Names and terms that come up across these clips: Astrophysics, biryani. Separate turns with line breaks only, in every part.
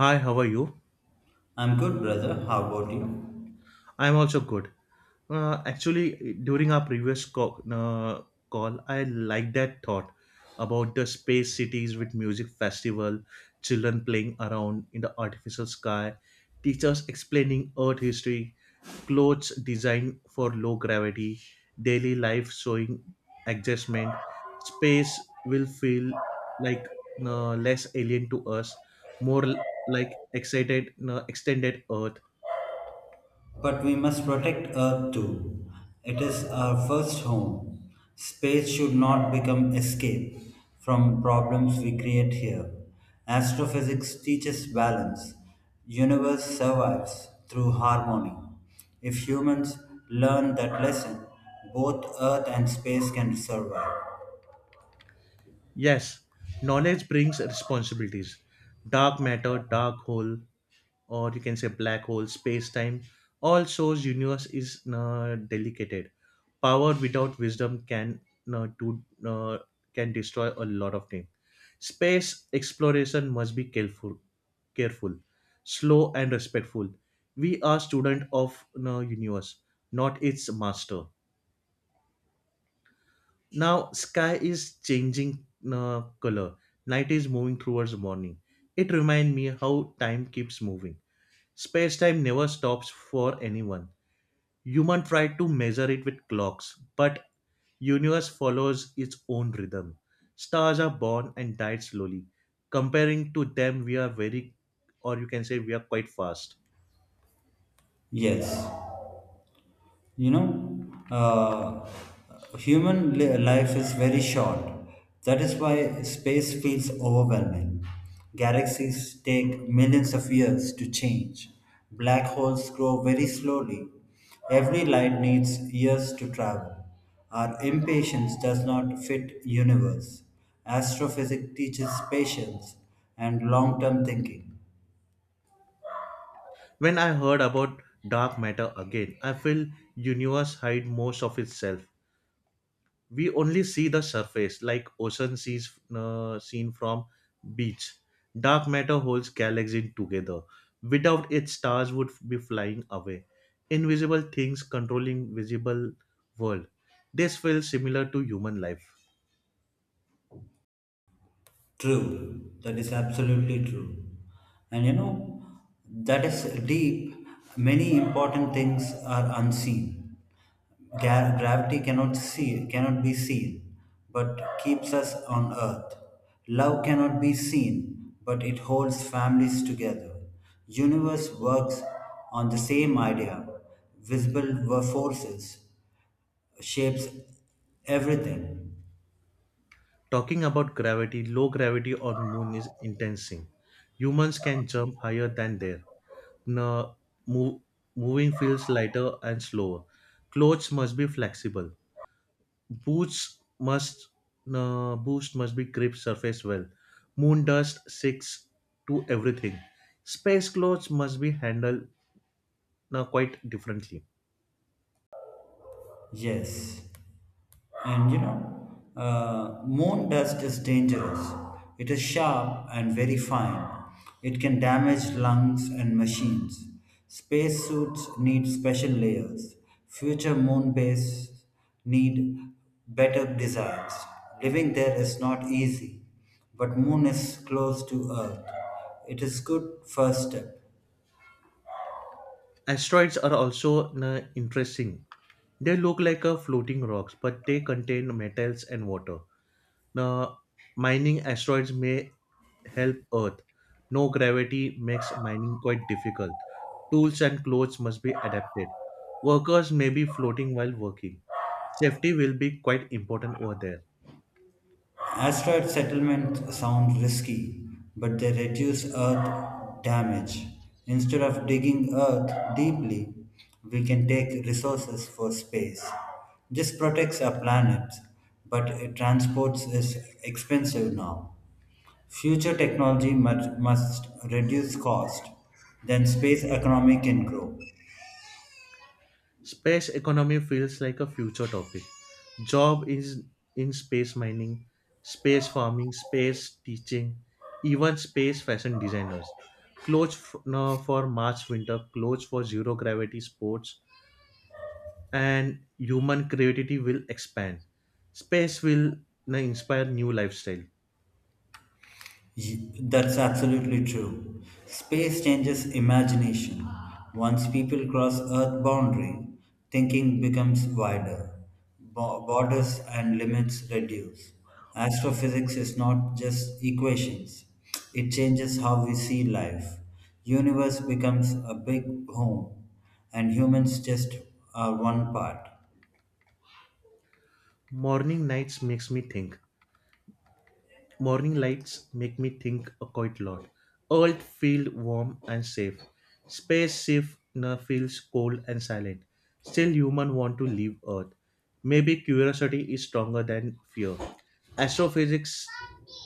Hi, how are you?
I'm good, brother. How about you?
I'm also good. Actually, during our previous call, I like that thought about the space cities with music festival, children playing around in the artificial sky, teachers explaining Earth history, clothes designed for low gravity, daily life showing adjustment. Space will feel like less alien to us, more like excited, extended Earth.
But we must protect Earth too. It is our first home. Space should not become escape from problems we create here. Astrophysics teaches balance. Universe survives through harmony. If humans learn that lesson, both Earth and space can survive.
Yes, knowledge brings responsibilities. Dark matter, dark hole, or you can say black hole, space time, all shows universe is delicate. Power without wisdom can uh, do, uh, can destroy a lot of things. Space exploration must be careful, slow and respectful. We are student of the universe, not its master. Now sky is changing color. Night is moving towards morning. It reminds me how time keeps moving. Space time never stops for anyone. Human try to measure it with clocks, but universe follows its own rhythm. Stars are born and die slowly. Comparing to them, we are very, or you can say we are quite fast.
Yes. you know uh, Human life is very short. That is why space feels overwhelming. Galaxies take millions of years to change. Black holes grow very slowly. Every light needs years to travel. Our impatience does not fit universe. Astrophysics teaches patience and long-term thinking.
When I heard about dark matter again, I feel universe hide most of itself. We only see the surface like ocean sees seen from beach. Dark matter holds galaxies together. Without it, stars would be flying away, invisible things controlling visible world. This feels similar to human life.
True, that is absolutely true. And you know, that is deep. Many important things are unseen. Gravity cannot see, cannot be seen, but keeps us on earth. Love cannot be seen, but it holds families together. Universe works on the same idea. Visible forces shapes everything.
Talking about gravity, low gravity on moon is intensing. Humans can jump higher than there. No, move, Moving feels lighter and slower. Clothes must be flexible. Boots must boost must be grip surface well. Moon dust sticks to everything. Space clothes must be handled quite differently.
Yes. And you know, moon dust is dangerous. It is sharp and very fine. It can damage lungs and machines. Spacesuits need special layers. Future moon base need better designs. Living there is not easy, but moon is close to Earth. It is good first step.
Asteroids are also interesting. They look like a floating rocks, but they contain metals and water. Now, mining asteroids may help Earth. No gravity makes mining quite difficult. Tools and clothes must be adapted. Workers may be floating while working. Safety will be quite important over there.
Asteroid settlements sound risky, but they reduce Earth damage. Instead of digging Earth deeply, we can take resources for space. This protects our planet, but it transports is expensive now. Future technology must reduce cost, then space economy can grow.
Space economy feels like a future topic. Job is in space mining, space farming, space teaching, even space fashion designers. Clothes f- no, For March winter, clothes for zero gravity sports, and human creativity will expand. Space will inspire new lifestyle.
That's absolutely true. Space changes imagination. Once people cross Earth boundary, thinking becomes wider. Borders and limits reduce. Astrophysics is not just equations. It changes how we see life. Universe becomes a big home, and humans just are one part.
Morning nights makes me think. Morning lights make me think a quite a lot. Earth feels warm and safe. Space safe now feels cold and silent. Still human want to leave Earth. Maybe curiosity is stronger than fear. Astrophysics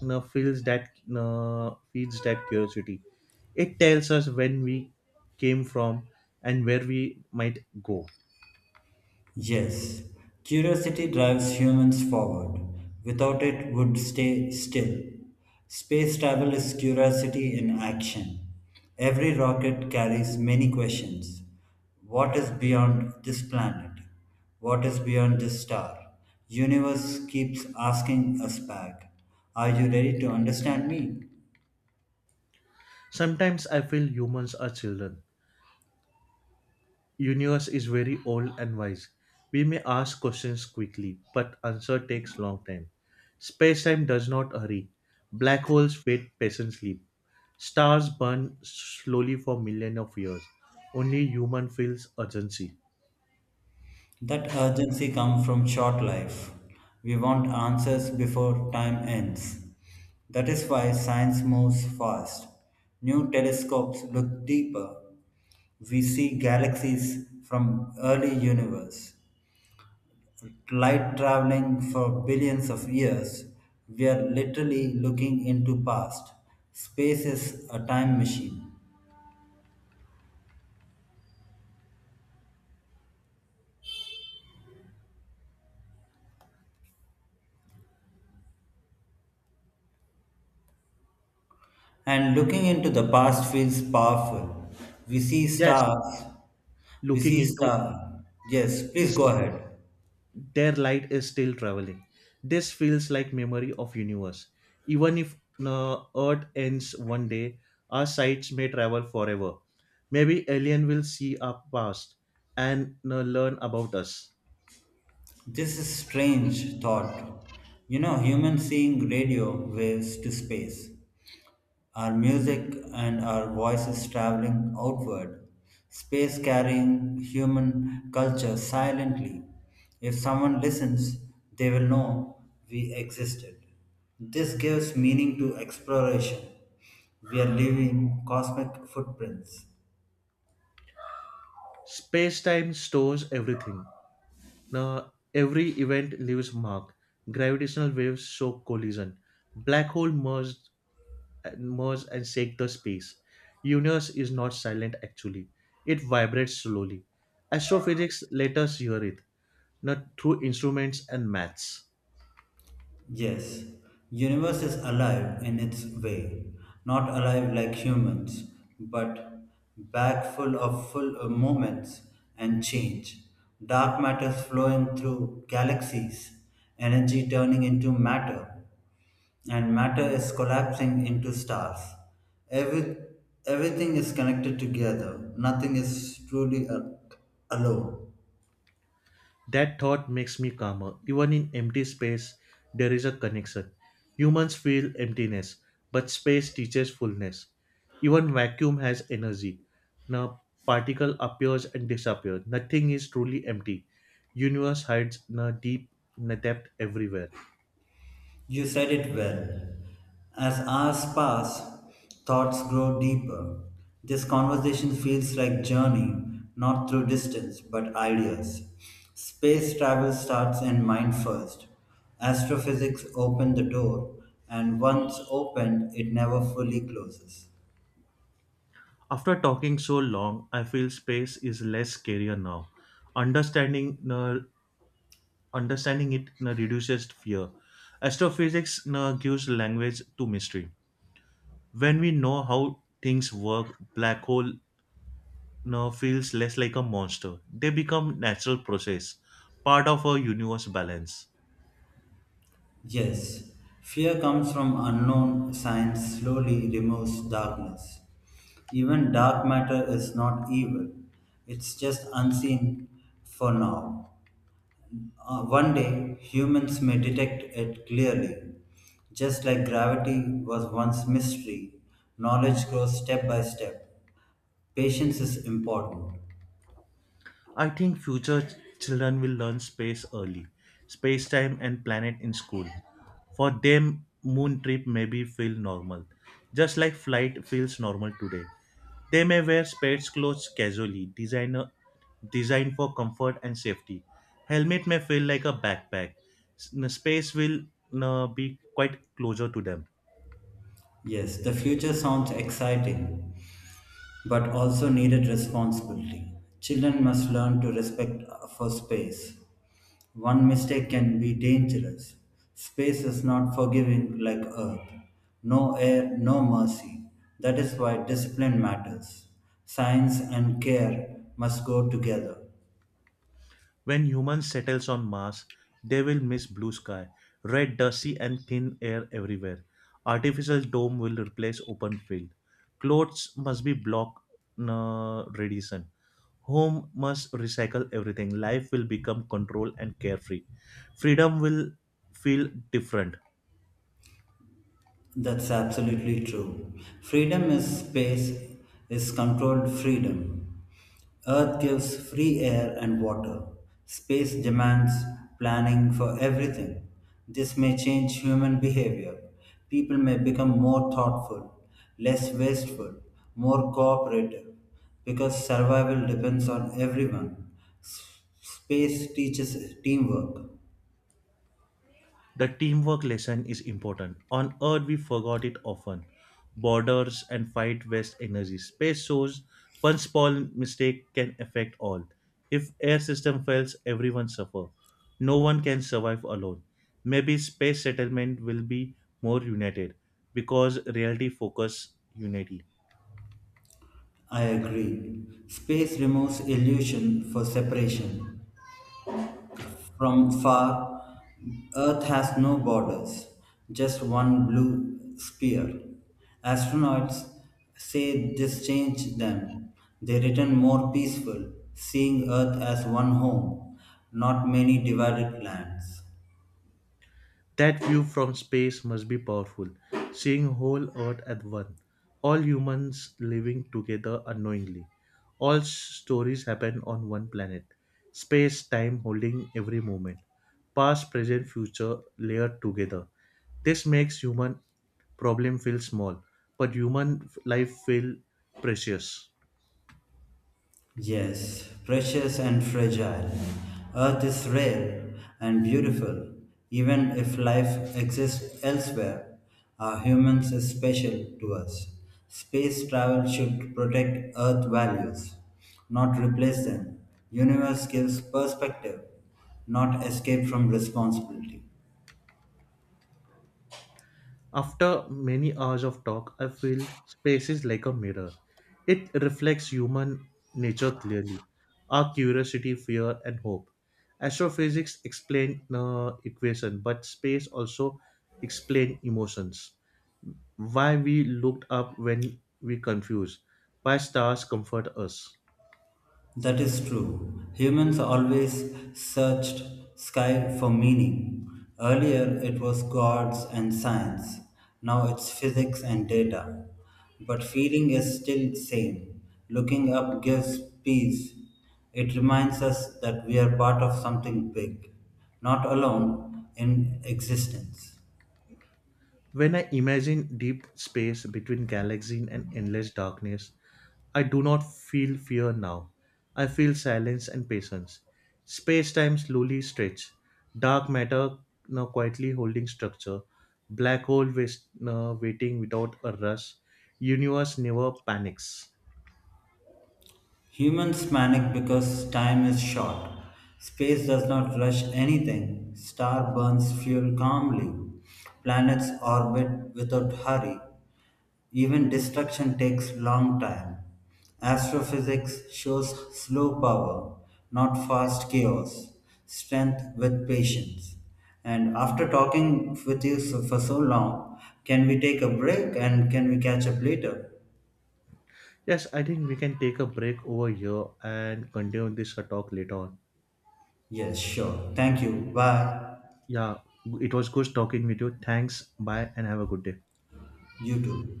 now feeds that curiosity. It tells us when we came from and where we might go.
Yes, curiosity drives humans forward. Without it, would stay still. Space travel is curiosity in action. Every rocket carries many questions. What is beyond this planet? What is beyond this star? Universe keeps asking us back. Are you ready to understand me?
Sometimes I feel humans are children. Universe is very old and wise. We may ask questions quickly, but answer takes long time. Space-time does not hurry. Black holes wait patiently. Stars burn slowly for millions of years. Only human feels urgency.
That urgency comes from short life. We want answers before time ends. That is why science moves fast. New telescopes look deeper. We see galaxies from early universe. Light traveling for billions of years. We are literally looking into past. Space is a time machine. And looking into the past feels powerful. We see
Yes,
stars. We
looking
see
into
stars. Yes, please go
is
ahead.
their light is still traveling. This feels like memory of universe. Even if Earth ends one day, our sights may travel forever. Maybe alien will see our past and learn about us.
This is strange thought. You know, humans seeing radio waves to space, our music and our voices traveling outward, space carrying human culture silently. If someone listens, they will know we existed. This gives meaning to exploration. We are leaving cosmic footprints.
Space-time stores everything. Now, every event leaves mark. Gravitational waves show collision. Black hole merged, murs and shake the space. Universe is not silent actually. It vibrates slowly. Astrophysics let us hear it, not through instruments and maths.
Yes, universe is alive in its way, not alive like humans, but back full of full moments and change. Dark matters flowing through galaxies, energy turning into matter, and matter is collapsing into stars. Every, everything is connected together. Nothing is truly alone.
That thought makes me calmer. Even in empty space, there is a connection. Humans feel emptiness, but space teaches fullness. Even vacuum has energy. Now particle appears and disappears. Nothing is truly empty. Universe hides na deep na depth everywhere.
You said it well. As hours pass, thoughts grow deeper. This conversation feels like journey, not through distance, but ideas. Space travel starts in mind first. Astrophysics opened the door, and once opened, it never fully closes.
After talking so long, I feel space is less scarier now. Understanding uh, understanding it reduces fear. Astrophysics gives language to mystery. When we know how things work, black hole now feels less like a monster. They become natural process, part of our universe balance.
Yes, fear comes from unknown science slowly removes darkness. Even dark matter is not evil, it's just unseen for now. One day, humans may detect it clearly. Just like gravity was once mystery, knowledge grows step by step. Patience is important.
I think children will learn space early, space time and planet in school. For them, moon trip maybe feel normal, just like flight feels normal today. They may wear space clothes casually, designer designed for comfort and safety. Helmet may feel like a backpack. Space will be quite closer to them.
Yes, the future sounds exciting, but also needed responsibility. Children must learn to respect for space. One mistake can be dangerous. Space is not forgiving like Earth. No air, no mercy. That is why discipline matters. Science and care must go together.
When humans settles on Mars, they will miss blue sky, red dusty and thin air everywhere. Artificial dome will replace open field. Clothes must be block radiation. Home must recycle everything. Life will become controlled and carefree. Freedom will feel different.
That's absolutely true. Freedom is space, is controlled freedom. Earth gives free air and water. Space demands planning for everything. This may change human behavior. People may become more thoughtful, less wasteful, more cooperative, because survival depends on everyone. Space teaches teamwork.
The teamwork lesson is important. On Earth, we forgot it often. Borders and fight waste energy. Space shows one small mistake can affect all. If air system fails, everyone suffer. No one can survive alone. Maybe space settlement will be more united because reality focus unity.
I agree. Space removes illusion for separation. From far, Earth has no borders, just one blue sphere. Astronauts say this changed them. They return more peaceful, seeing Earth as one home, not many divided lands.
That view from space must be powerful, seeing whole Earth at one, all humans living together unknowingly. Stories happen on one planet, space time holding every moment, past, present, future layered together. This makes human problem feel small, but life feel precious.
Yes, precious and fragile. Earth is rare and beautiful. Even if life exists elsewhere, our humans is special to us. Space travel should protect Earth values, not replace them. Universe gives perspective, not escape from responsibility.
After many hours of talk, I feel space is like a mirror. It reflects human nature clearly, our curiosity, fear, and hope. Astrophysics explain equation, but space also explain emotions. Why we looked up when we confused, why stars comfort us.
That is true. Humans always searched sky for meaning. Earlier it was gods and science. Now it's physics and data. But feeling is still same. Looking up gives peace. It reminds us that we are part of something big, not alone in existence.
When I imagine deep space between galaxies and endless darkness, I do not feel fear now. I feel silence and patience. Space time slowly stretch. Dark matter now quietly holding structure. Now waiting without a rush. Universe never panics.
Humans panic because time is short. Space does not rush anything. Star burns fuel calmly. Planets orbit without hurry. Even destruction takes long time. Astrophysics shows slow power, not fast chaos. Strength with patience. And after talking with you for so long, can we take a break and can we catch up later?
Yes, I think we can take a break over here and continue this talk later on.
Yes, sure. Thank you. Bye.
Yeah, it was good talking with you. Thanks. Bye and have a good day.
You too.